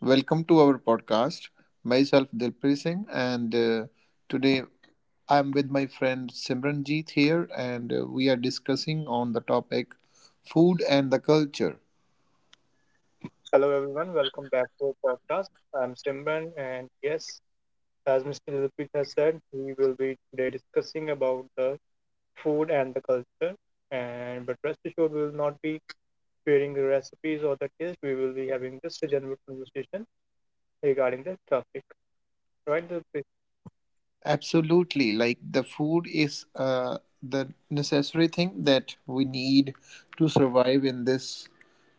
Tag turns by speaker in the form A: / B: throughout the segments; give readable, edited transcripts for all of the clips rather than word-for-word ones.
A: Welcome to our podcast. Myself Dilpreet Singh, and today I'm with my friend Simranjeet here, and we are discussing on the topic food and the culture.
B: Hello, everyone. Welcome back to our podcast. I'm Simran, and yes, as Mr. Dilpit has said, we will be today discussing about the food and the culture. And but rest assured, we will not be sharing the recipes or the taste. We will be having just a general conversation regarding the topic, right? Dilpit?
A: Absolutely. Like the food is the necessary thing that we need to survive in this,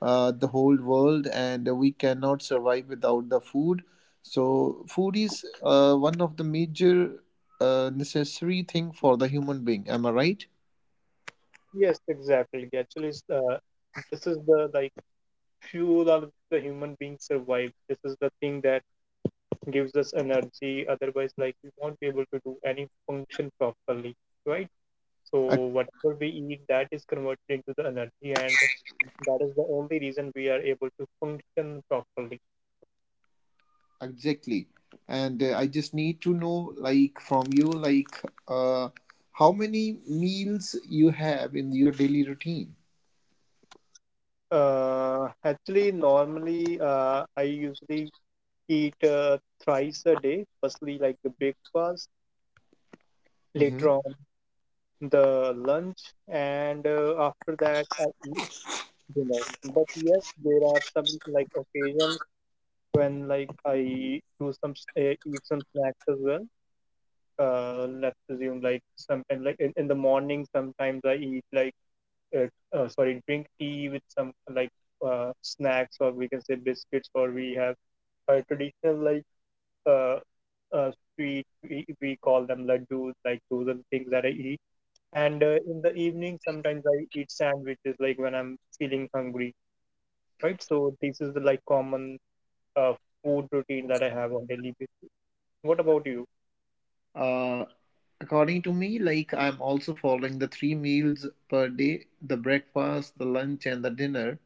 A: uh, the whole world, and we cannot survive without the food. So, food is one of the major necessary thing for the human being. Am I right?
B: Yes, exactly. Actually, this is the like fuel out of the human being survive. This is the thing that gives us energy, otherwise like we won't be able to do any function properly, right? So
A: Ex-
B: whatever we eat, that is converted into the energy, and that is the only reason we are able to function properly.
A: Exactly. And I just need to know, like, from you, like, uh, how many meals you have in your daily routine.
B: Actually, normally I usually eat thrice a day, firstly like the breakfast,
A: Mm-hmm.
B: later on the lunch, and after that I eat dinner. But yes, there are some like occasion when like I do eat some snacks as well. Let's assume like sometime like in the morning sometimes I eat like uh, sorry, drink tea with some like snacks, or we can say biscuits, or we have a traditional like uh, uh, sweet, we call them laddus. Like those are the things that I eat, and in the evening sometimes I eat sandwiches like when I'm feeling hungry, right? So this is the like common uh, food routine that I have on daily basis. What about you?
A: Uh, According to me, like I'm also following the three meals per day, the breakfast, the lunch, and the dinner.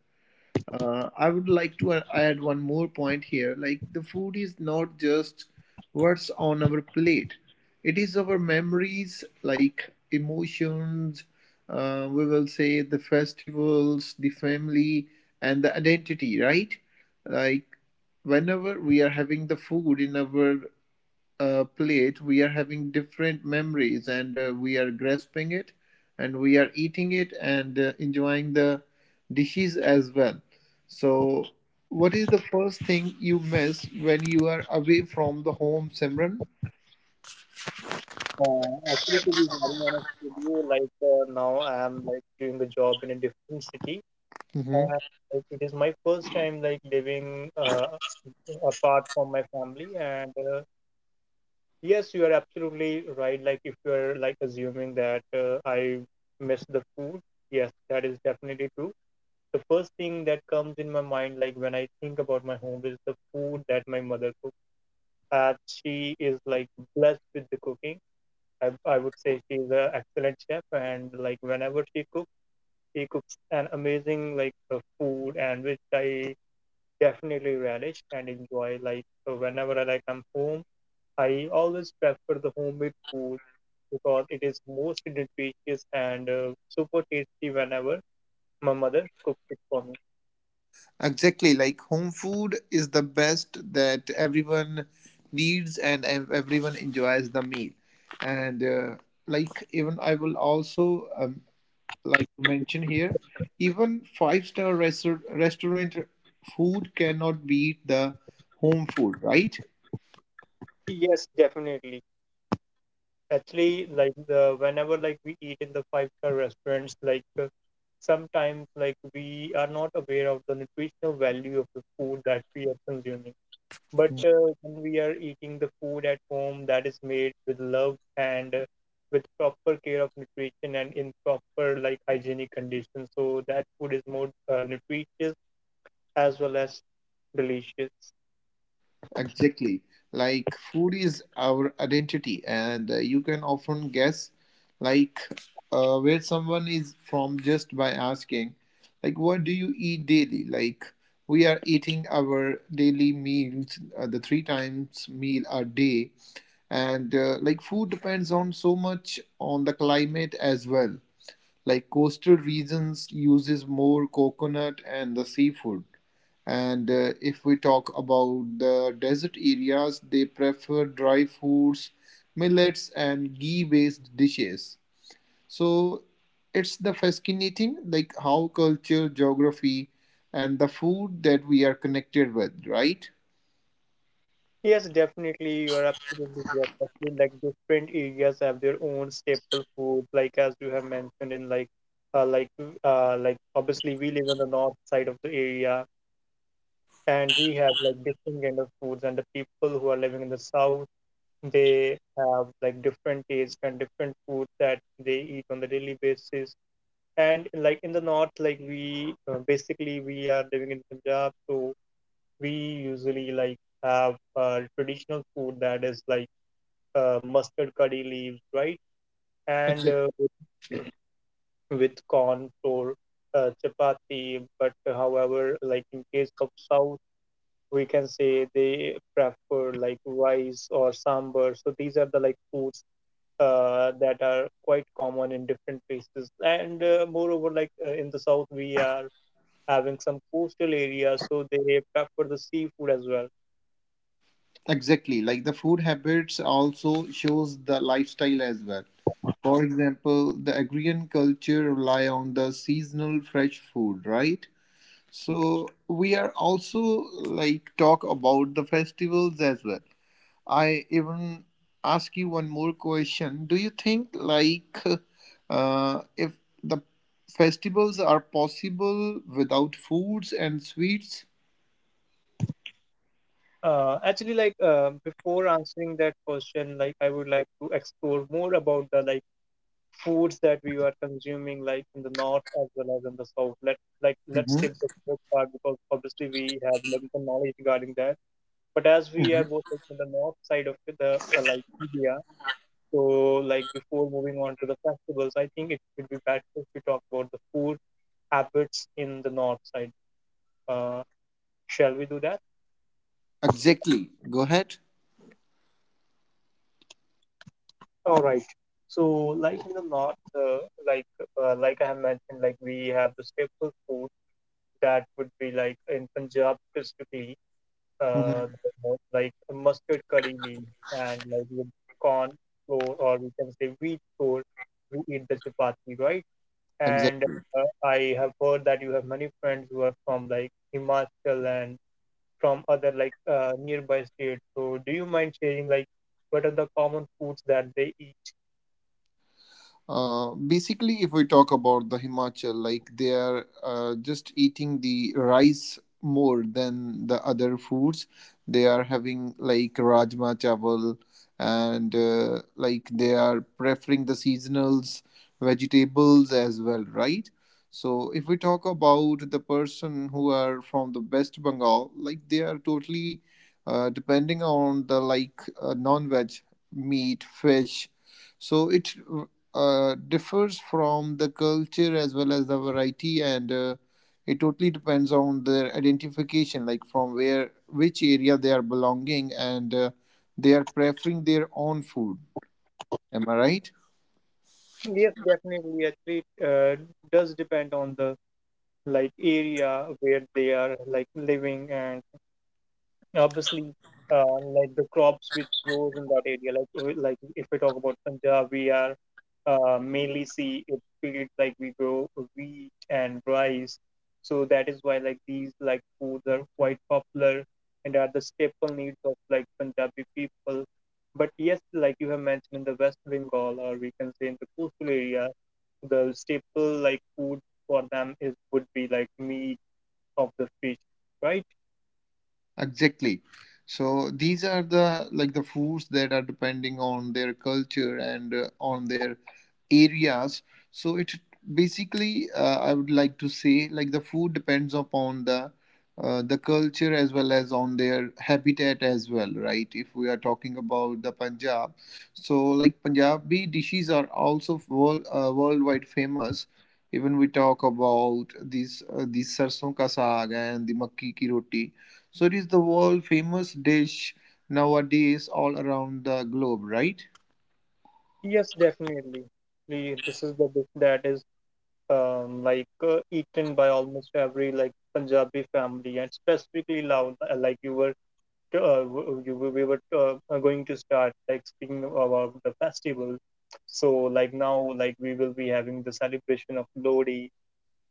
A: I would like to add one more point here. Like the food is not just what's on our plate; it is our memories, like emotions. We will say the festivals, the family, and the identity, right? Like whenever we are having the food in our plate, we are having different memories and we are grasping it and we are eating it and enjoying the dishes as well. So, what is the first thing you miss when you are away from the home, Simran?
B: Actually, to be very honest with you, like now I am like doing a job in a different city.
A: Hmm.
B: Uh, like, it is my first time like living apart from my family, and yes, you are absolutely right. Like if you are like assuming that I miss the food, yes, that is definitely true. The first thing that comes in my mind, like when I think about my home, is the food that my mother cooks. She is like blessed with the cooking. I would say she's an excellent chef, and like whenever she cooks an amazing like food, and which I definitely relish and enjoy. Like whenever I like I'm home, I always prefer the homemade food because it is most nutritious and super tasty whenever my mother cooks it for me.
A: Exactly, like home food is the best that everyone needs and everyone enjoys the meal. And like even I will also like to mention here even five star restaurant food cannot beat the home food, right?
B: Yes, definitely. Actually, like the whenever like we eat in the five-star restaurants, like sometimes like we are not aware of the nutritional value of the food that we are consuming, but when we are eating the food at home that is made with love and with proper care of nutrition and in proper like hygienic conditions, so that food is more nutritious as well as delicious.
A: Exactly, like food is our identity, and you can often guess like where someone is from just by asking like what do you eat daily. Like we are eating our daily meals, the three times meal a day, and like food depends on so much on the climate as well. Like coastal regions uses more coconut and the seafood, and if we talk about the desert areas, they prefer dry foods, millets and ghee based dishes. So it's the fascinating like how culture, geography, and the food that we are connected with, right?
B: Yes, definitely, you're absolutely correct. Actually, like different areas have their own staple food, like as you have mentioned in like, uh, like, like obviously we live on the north side of the area, and we have like different kind of foods, and the people who are living in the south, they have like different taste and different food that they eat on the daily basis. And like in the north, like we basically we are living in Punjab, so we usually like have traditional food that is like mustard curry leaves, right? And
A: Exact-
B: with corn flour, chapati. But however, like in case of South, we can say they prefer like rice or sambar. So these are the like foods that are quite common in different places. And moreover, like in the South, we are having some coastal areas, so they prefer the seafood as well.
A: exactly, like the food habits also shows the lifestyle as well. For example, the agrarian culture rely on the seasonal fresh food, right? So we are also like talk about the festivals as well. I even ask you one more question. Do you think like if the festivals are possible without foods and sweets?
B: Actually, like before answering that question, like I would like to explore more about the like foods that we were consuming like in the north as well as in the south. Let's
A: Mhm.
B: skip the south part because obviously we have little knowledge regarding that, but as we are
A: Mhm.
B: both like in the north side of it, the like India, so like before moving on to the festivals I think it would be better if we talk about the food habits in the north side. uh, Shall we do that?
A: Exactly. Go ahead.
B: All right, so like in the north, like like I have mentioned, like we have the staple food that would be like in Punjab specifically,
A: Mhm.
B: like a mustard curry leaves, and like with corn flour, or we can say wheat flour, we eat the chapati, right? And
A: Exactly.
B: I have heard that you have many friends who are from like Himachal and from other like nearby states. So do you mind sharing like what are the common foods that they eat?
A: Basically, if we talk about the Himachal, like they are just eating the rice more than the other foods. They are having like rajma chawal, and like they are preferring the seasonals vegetables as well, right? So if we talk about the person who are from the West Bengal, like they are totally depending on the like non-veg meat, fish. So it differs from the culture as well as the variety, and it totally depends on their identification, like from where, which area they are belonging, and they are preferring their own food. Am I right?
B: Yes, definitely. Actually, it does depend on the like area where they are like living, and obviously like the crops which grows in that area. Like like if we talk about Punjab, we are mainly see it fields, like we grow wheat and rice, so that is why like these like foods are quite popular and are the staple needs of like Punjabi people. But yes, like you have mentioned, in the West Bengal, or we can say in the coastal area, the staple like food for them is would be like meat of the fish, right?
A: Exactly. So these are the like the foods that are depending on their culture and on their areas. So it basically I would like to say like the food depends upon the culture as well as on their habitat as well, right? If we are talking about the Punjab, so like Punjabi dishes are also world, worldwide famous. Even we talk about these sarson ka saag and the makki ki roti. So it is the world famous dish nowadays all around the globe, right?
B: Yes, definitely. This is the dish that is eaten by almost every like Punjabi family, and specifically loud, like you were t- w- you, were- we were going to start like speaking about the festival. So like now, like we will be having the celebration of Lodi,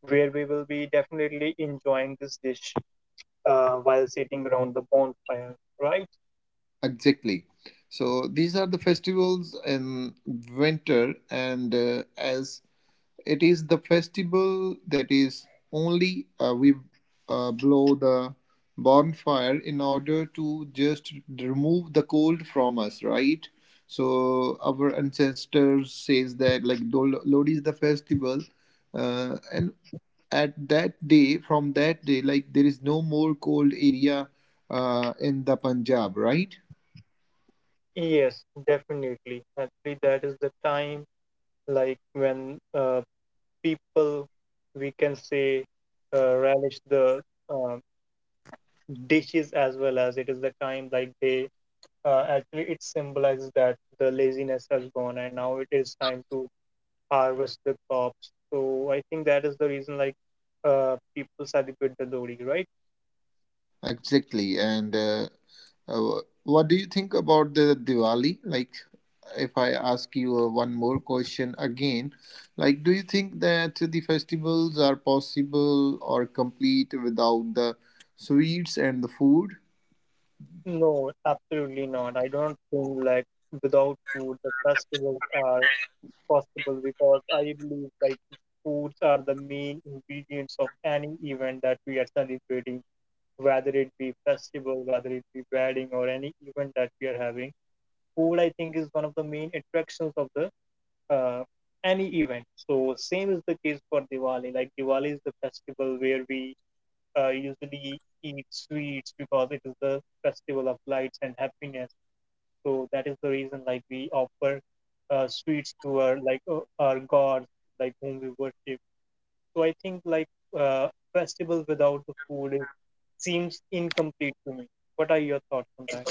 B: where we will be definitely enjoying this dish while sitting around the bonfire, right?
A: Exactly. So these are the festivals in winter, and as it is the festival that is only we blow the bonfire in order to just remove the cold from us, right? So our ancestors says that like Lodi is the festival, and at that day, from that day, like there is no more cold area in the Punjab, right?
B: Yes, definitely. Actually, that is the time like when people, we can say, relish the uh, dishes, as well as it is the time like they actually, it symbolizes that the laziness has gone and now it is time to harvest the crops. So I think that is the reason like people celebrate the Lodi, right?
A: Exactly, and uh, what do you think about the Diwali? Like, if I ask you one more question again, like, do you think that the festivals are possible or complete without the sweets and the food?
B: No, absolutely not. I don't think like without food the festivals are possible, because I believe like foods are the main ingredients of any event that we are celebrating, whether it be festival, whether it be wedding, or any event that we are having. Food, I think, is one of the main attractions of the uh, any event. So same is the case for Diwali. Like Diwali is the festival where we usually eat sweets because it is the festival of lights and happiness. So that is the reason like we offer sweets to our like our gods, like whom we worship. So I think like uh, festival without the food seems incomplete to me. What are your thoughts on that?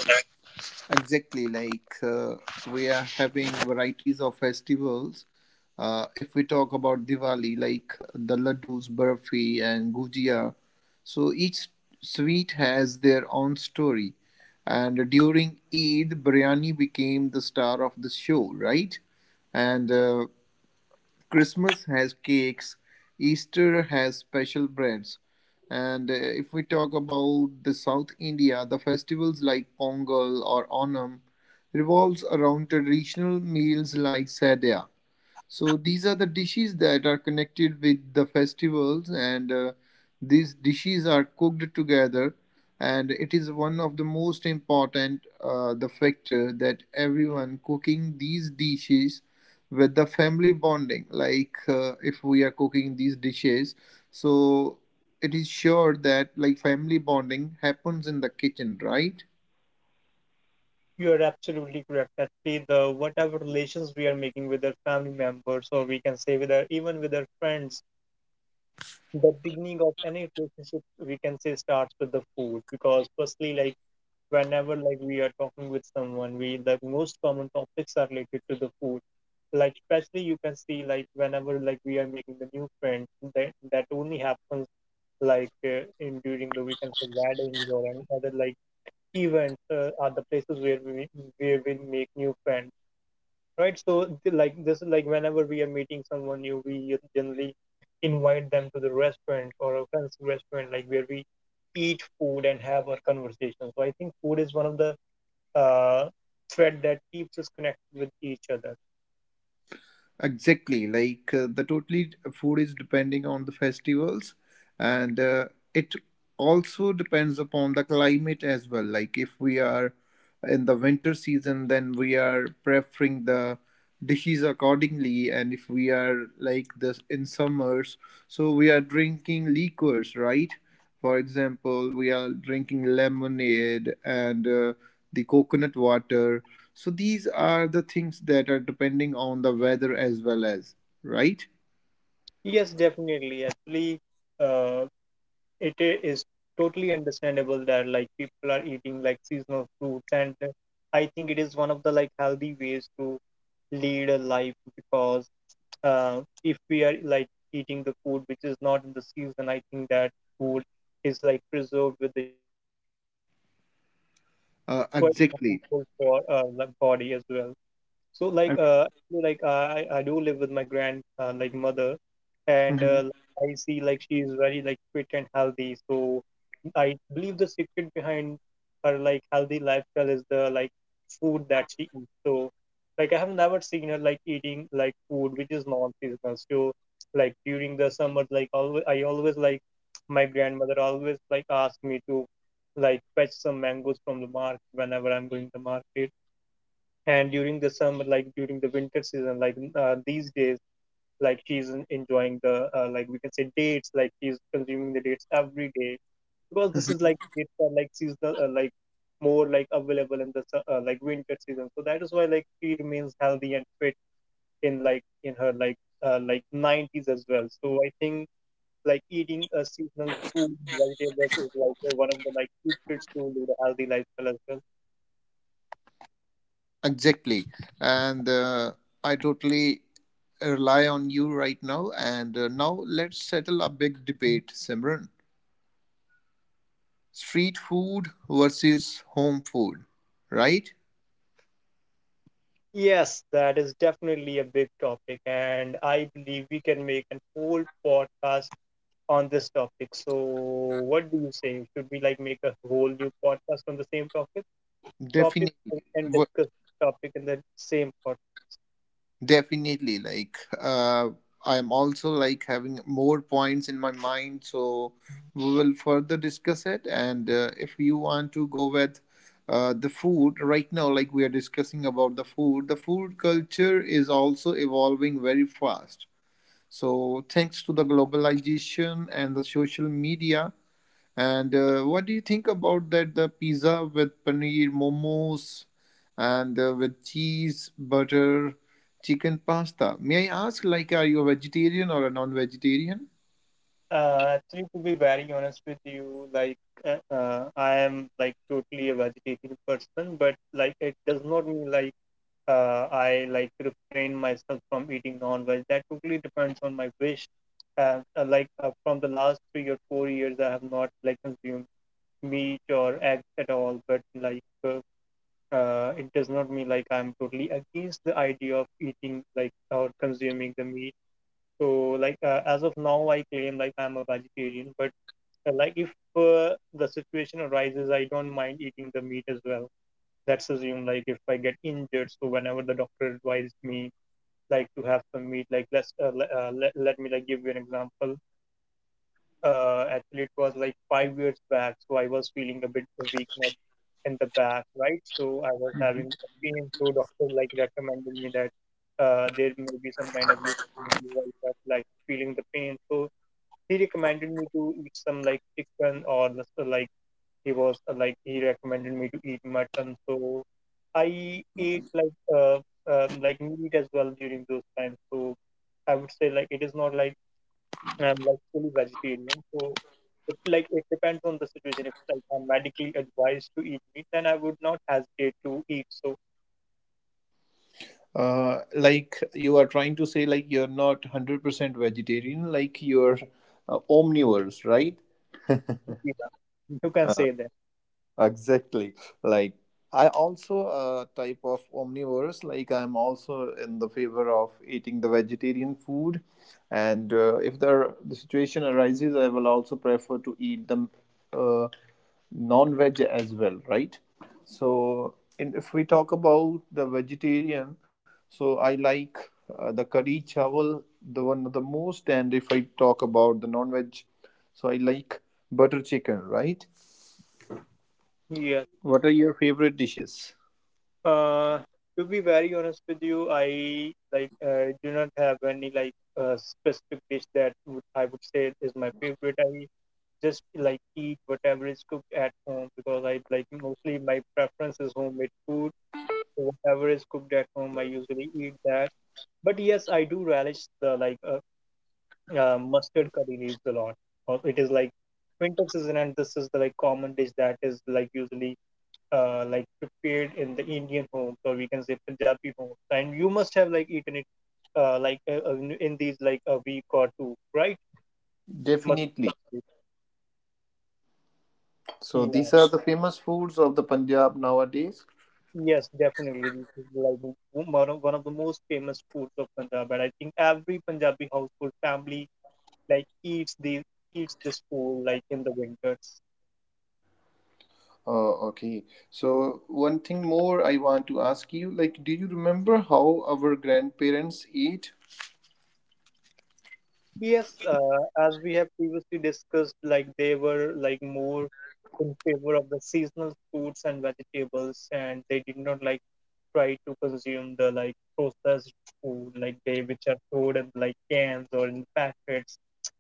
A: Exactly, like we are having varieties of festivals. If we talk about Diwali, like the laddus, burfi, and gujia, so each sweet has their own story. And during Eid, biryani became the star of the show, right? And Christmas has cakes, Easter has special breads. And if we talk about the South India, the festivals like Pongal or Onam revolves around traditional meals like sadhya. So these are the dishes that are connected with the festivals, and these dishes are cooked together, and it is one of the most important the factor that everyone cooking these dishes with the family bonding. Like if we are cooking these dishes, so it is sure that like family bonding happens in the kitchen, right?
B: You are absolutely correct. Actually, the whatever relations we are making with our family members, or we can say with our even with our friends, the beginning of any relationship, we can say, starts with the food, because firstly, like whenever like we are talking with someone, we the most common topics are related to the food. Like especially you can see like whenever like we are making the new friends, that only happens like in during the weekend, for weddings or any other like events, are the places where we make new friends, right? So like this, like whenever we are meeting someone new, we generally invite them to the restaurant or a fancy restaurant, like where we eat food and have our conversation. So I think food is one of the uh thread that keeps us connected with each other.
A: Exactly, like the totally food is depending on the festivals, and it also depends upon the climate as well. Like if we are in the winter season, then we are preferring the dishes accordingly, and if we are like this in summers, so we are drinking liquors, right? For example, we are drinking lemonade and the coconut water. So these are the things that are depending on the weather as well as, right?
B: Yes, definitely. Actually, uh is totally understandable that like people are eating like seasonal fruits, and I think it is one of the like healthy ways to lead a life, because if we are like eating the food which is not in the season, I think that food is like preserved with the use of chemicals, which is like quite
A: Exactly.
B: harmful for the body as well. So like
A: And-
B: uh like uh, I do live with my grand like mother, and
A: Mhm.
B: I see like she is very like fit and healthy. So I believe the secret behind her like healthy lifestyle is the like food that she eats. So like I have never seen her like eating like food which is non-seasonal. So like during the summer, like always I always my grandmother always asked me to fetch some mangoes from the market whenever I'm going to market. And during the winter season, these days, she's enjoying the we can say dates. She's consuming the dates every day because this is
A: Mhm.
B: like dates are seasonal, more available in the winter season. So that is why she remains healthy and fit in her 90s as well. So I think eating a seasonal food vegetables is one of the secrets to live a healthy lifestyle as well.
A: Exactly. And I totally rely on you right now. And now let's settle a big debate, Simran. Street food versus home food, right?
B: Yes, that is definitely a big topic, and I believe we can make an whole podcast on this topic. So, what do you say? Should we make a whole new podcast on the same topic, topic,
A: Definitely.
B: and and discuss topic in the same podcast?
A: Definitely, like I'm also like having more points in my mind, so we will further discuss it. And if you want to go with the food right now, like we are discussing about the food culture is also evolving very fast. So thanks to the globalization and the social media, and what do you think about that? The pizza with paneer, momos, and with cheese, butter, chicken pasta. May I ask, like, are you a vegetarian or a non-vegetarian?
B: Actually, to be very honest with you, I am totally a vegetarian person, but it does not mean I refrain myself from eating non-veg. That totally depends on my wish. From the last 3 or 4 years, I have not consumed meat or eggs at all. But it does not mean I'm totally against the idea of eating or consuming the meat. So as of now, I claim I'm a vegetarian. But if the situation arises, I don't mind eating the meat as well. That's assumed if I get injured, so whenever the doctor advises me to have some meat. Let me give you an example. Actually, it was like 5 years back, so I was feeling a bit of weakness in the back, right? So I was having a pain, so doctor recommended me that there may be some kind of loophole like that like feeling the pain. So he recommended me to eat some chicken or just, he was he recommended me to eat mutton. So I ate meat as well during those times. So I would say it is not I'm fully vegetarian. So it depends on the situation. If I'm medically advised to eat meat, then I would not hesitate to eat. So
A: Like you are trying to say, like you're not 100% vegetarian, like you're omnivores, right?
B: yeah, you can say that.
A: Exactly. Like I also a type of omnivorous. Like I'm also in the favor of eating the vegetarian food, and if there the situation arises, I will also prefer to eat the uh, non-veg as well, right? So, and if we talk about the vegetarian, so I like the curry chawal, the one of the most. And if I talk about the non-veg, so I like butter chicken, right?
B: Yeah.
A: What are your favorite dishes?
B: uh to be very honest with you, I do not have any specific dish that I would say is my favorite. I just eat whatever is cooked at home because I mostly my preference is homemade food. So whatever is cooked at home, I usually eat that. But yes, I do relish the mustard curry leaves a lot. It is winter season, and this is the common dish that is usually prepared in the Indian homes, or we can say Punjabi homes. And you must have eaten it in these a week or two, right? Mustard
A: Definitely.
B: curry.
A: So
B: Yeah.
A: these are the famous foods of the Punjab nowadays.
B: Yes, definitely. This is one of the most famous foods of Punjab, and I think every Punjabi household family like eats these eats this food in the winters.
A: Oh, okay. So one thing more I want to ask you, like, do you remember how our grandparents ate?
B: Yes, as we have previously discussed, they were more in favor of the seasonal fruits and vegetables, and they did not try to consume the processed food. Like they Which are sold in cans or in packets.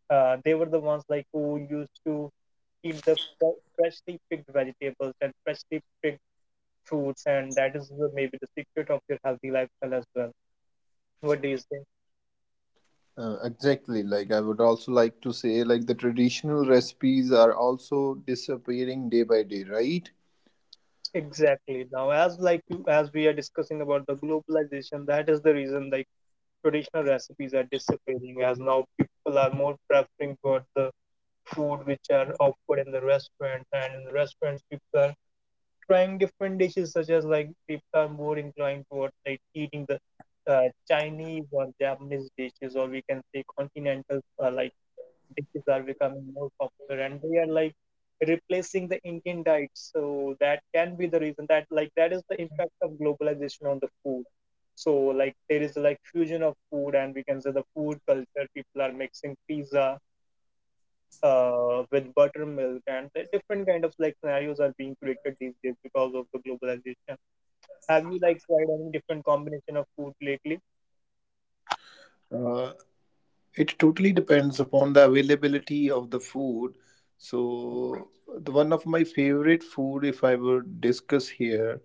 B: They were the ones who used to eat the freshly picked vegetables and freshly picked fruits, and that is maybe the secret of your healthy lifestyle as well. What do you say?
A: Exactly. Like, I would also like to say, like, the traditional recipes are also disappearing day by day, right?
B: Exactly. Now, as we are discussing about the globalization, that is the reason traditional recipes are disappearing, as now people are more preferring towards the food which are offered in the restaurants. And in the restaurants, people are trying different dishes, such as people are more inclined towards eating the Chinese or Japanese dishes, or we can say continental dishes are becoming more popular, and they are replacing the Indian diet. So that can be the reason that is the impact of globalization on the food. So there is fusion of food, and we can say the food culture. People are mixing pizza with buttermilk, and the different kind of scenarios are being created these days because of the globalization. Have you tried any different combination of food lately?
A: Uh, it totally depends upon the availability of the food. So, the one of my favorite food, if I would discuss here,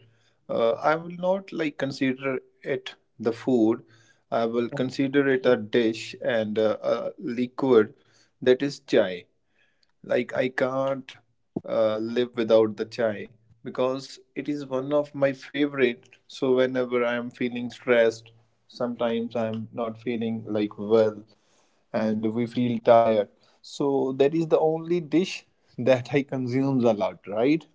A: I will not like consider it the food. I will consider it a dish and a liquid that is chai. Like, I can't live without the chai because it is one of my favorite. So, whenever I am feeling stressed, sometimes I'm not feeling like well and we feel tired. So, that is the only dish that I consumes a lot, right?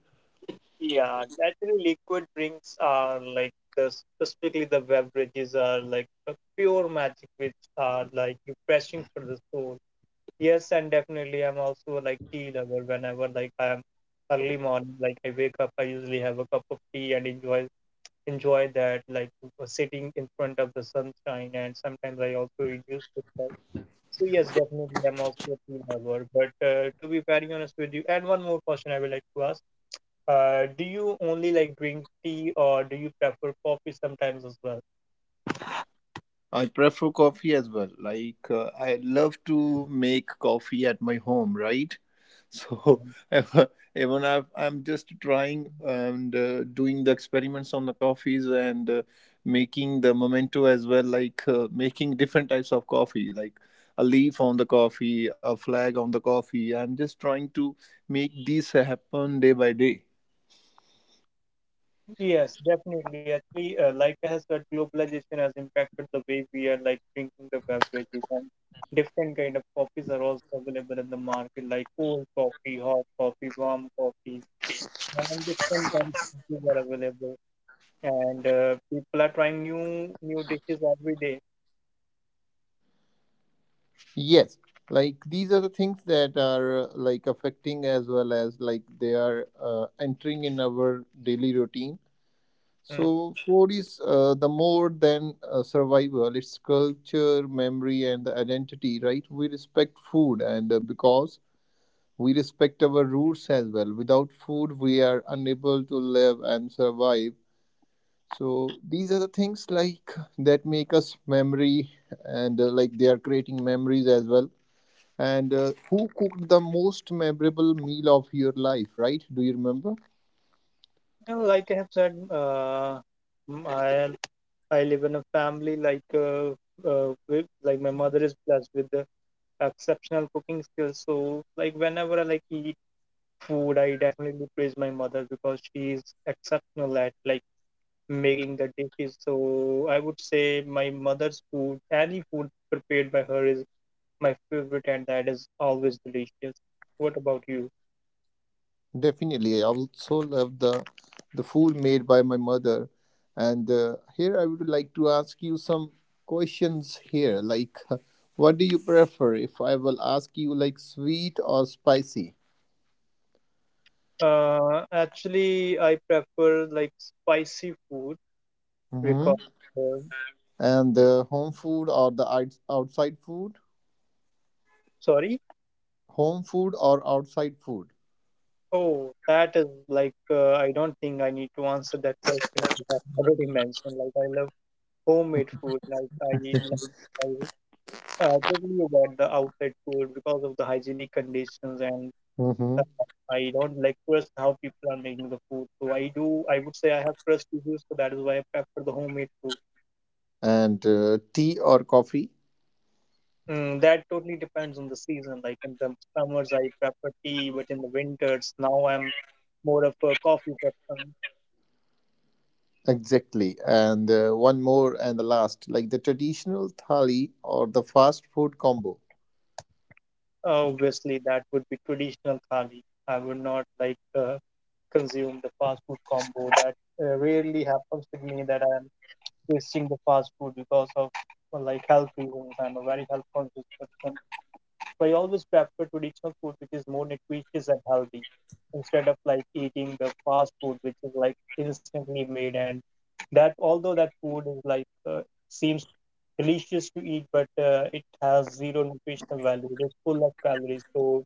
B: Yeah, naturally liquid drinks are like the specifically the beverages are a pure magic, which are refreshing for the soul. Yes, and definitely I'm also tea lover. Whenever I'm early morning, I wake up, I usually have a cup of tea and enjoy that, sitting in front of the sunshine, and sometimes I also reduce the stress. So yes, definitely, I'm also a tea lover. But to be very honest with you, and one more question I would like to ask: Do you only drink tea, or do you prefer coffee sometimes as well?
A: I prefer coffee as well. Like, I love to make coffee at my home, right? So,
B: Mhm.
A: ev- even I'm just trying and doing the experiments on the coffees and making the memento as well, like making different types of coffee, like a leaf on the coffee, a flag on the coffee. I'm just trying to make this happen day by day.
B: Yes, definitely. Actually, I said, globalization has impacted the way we are drinking the beverages, and different kind of coffees are also available in the market, like cold coffee, hot coffee, warm coffee, and different kinds of dishes are available. And people are trying new new dishes every day.
A: Yes, like these are the things that are like affecting as well as like they are entering in our daily routine.
B: Mm.
A: So food is the more than survival; it's culture, memory, and the identity. Right? We respect food, and because we respect our roots as well. Without food, we are unable to live and survive. So these are the things like that make us memory, and like they are creating memories as well, and who cooked the most memorable meal of your life, right? Do you remember?
B: And I have said m- I, I live in a family like with, like my mother is blessed with the exceptional cooking skills. So whenever I eat food, I definitely praise my mother because she is exceptional at making the dishes. So I would say my mother's food, any food prepared by her, is my favorite, and that is always delicious. What about you?
A: Definitely. I also love the food made by my mother. And here I would like to ask you some questions here. Like, what do you prefer if I will ask you like sweet or spicy?
B: Actually, I prefer spicy food because,
A: Mm-hmm.
B: uh,
A: And home food or the outside food?
B: sorry,
A: Home food or outside food?
B: oh, that is I don't think I need to answer that question. I already mentioned I love homemade food. Like I Totally about the outside food because of the hygienic conditions and the
A: Mm-hmm.
B: I don't trust how people are making the food. So I would say I have trust issues, so that is why I prefer the homemade food.
A: And tea or coffee?
B: Mm, that totally depends on the season. Like in the summers, I prefer tea, but in the winters, now I'm more of a coffee person.
A: Exactly. And one more and the last, like the traditional thali or the fast food combo.
B: Obviously, that would be traditional thali. I would not consume the fast food combo. That rarely happens with me, that I'm wasting the fast food because of health reasons. I'm a very health conscious person. So I always prefer traditional food, which is more nutritious and healthy, instead of eating the fast food, which is instantly made. And although that food is like seems delicious to eat, but it has zero nutritional value. It is full of calories. So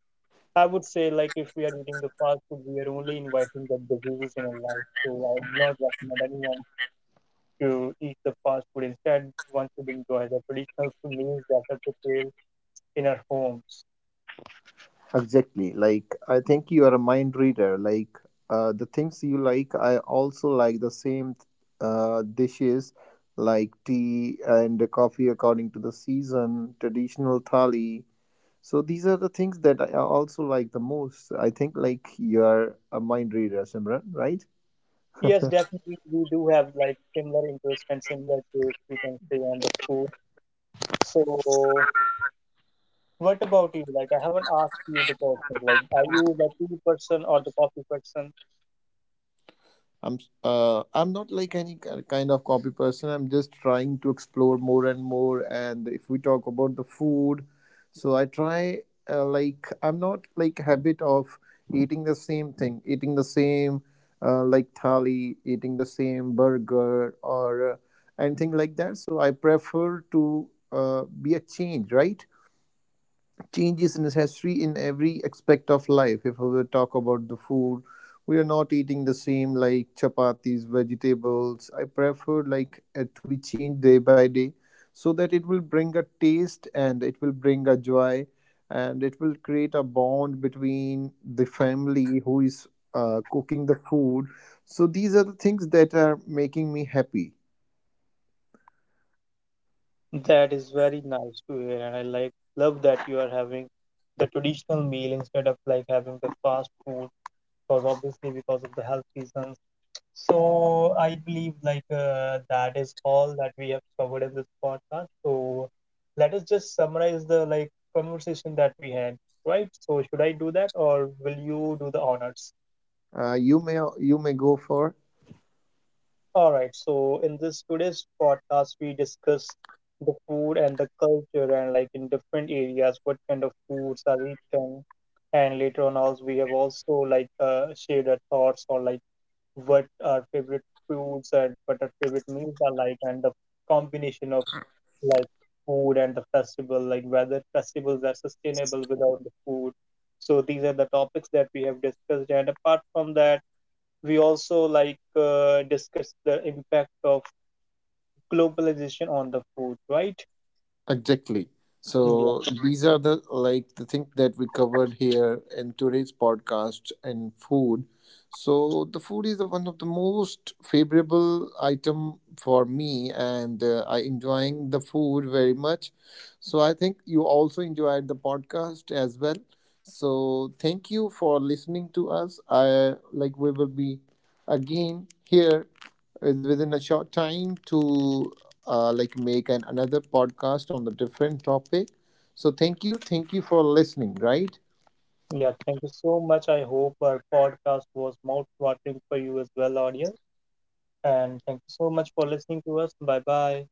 B: I would say, like, if we are eating the fast food, we are only inviting the diseases in our life. So I would not recommend anyone to eat the fast food. Instead, one should enjoy the traditional food meals that are prepared in our homes.
A: Exactly. Like, I think you are a mind reader. Like, the things you like, I also like the same dishes like tea and coffee according to the season, traditional thali. So these are the things that I also like the most. I think, like, you are a mind reader, Simran, right?
B: Yes, definitely. We do have similar interests and similar taste, we can say, on the food. So, what about you? Like, I haven't asked you the question. Like, are you the tea person or the coffee person?
A: I'm I'm not like any kind of copy person. I'm just trying to explore more and more. And if we talk about the food, so I try like I'm not like habit of eating the same thing, eating the same like thali, eating the same burger or anything like that. So I prefer to be a change, right? Change is necessary in every aspect of life. If we talk about the food, we are not eating the same like chapatis, vegetables. I prefer like it to be changed day by day so that it will bring a taste and it will bring a joy and it will create a bond between the family who is cooking the food. So these are the things that are making me happy.
B: That is very nice to hear, and I love that you are having the traditional meal instead of having the fast food, because obviously because of the health reasons. So I believe that is all that we have covered in this podcast. So let us just summarize the conversation that we had, right? So should I do that, or will you do the honors?
A: You may go for.
B: All right. So in this today's podcast, we discuss the food and the culture, and in different areas, what kind of foods are eaten. And later on, also we have also shared our thoughts or what our favorite foods and what our favorite meals are like, and the combination of like food and the festival, like whether festivals are sustainable without the food. So these are the topics that we have discussed. And apart from that, we also discuss the impact of globalization on the food, right?
A: Exactly.
B: Yeah.
A: So these are the like the thing that we covered here in today's podcast and food. So the food is the one of the most favorable item for me, and I enjoying the food very much. So I think you also enjoyed the podcast as well. So thank you for listening to us. I like we will be again here is within a short time to like make an another podcast on the different topic. So thank you for listening. Right.
B: Yeah, thank you so much. I hope our podcast was mouth watering for you as well, audience. And thank you so much for listening to us. Bye bye.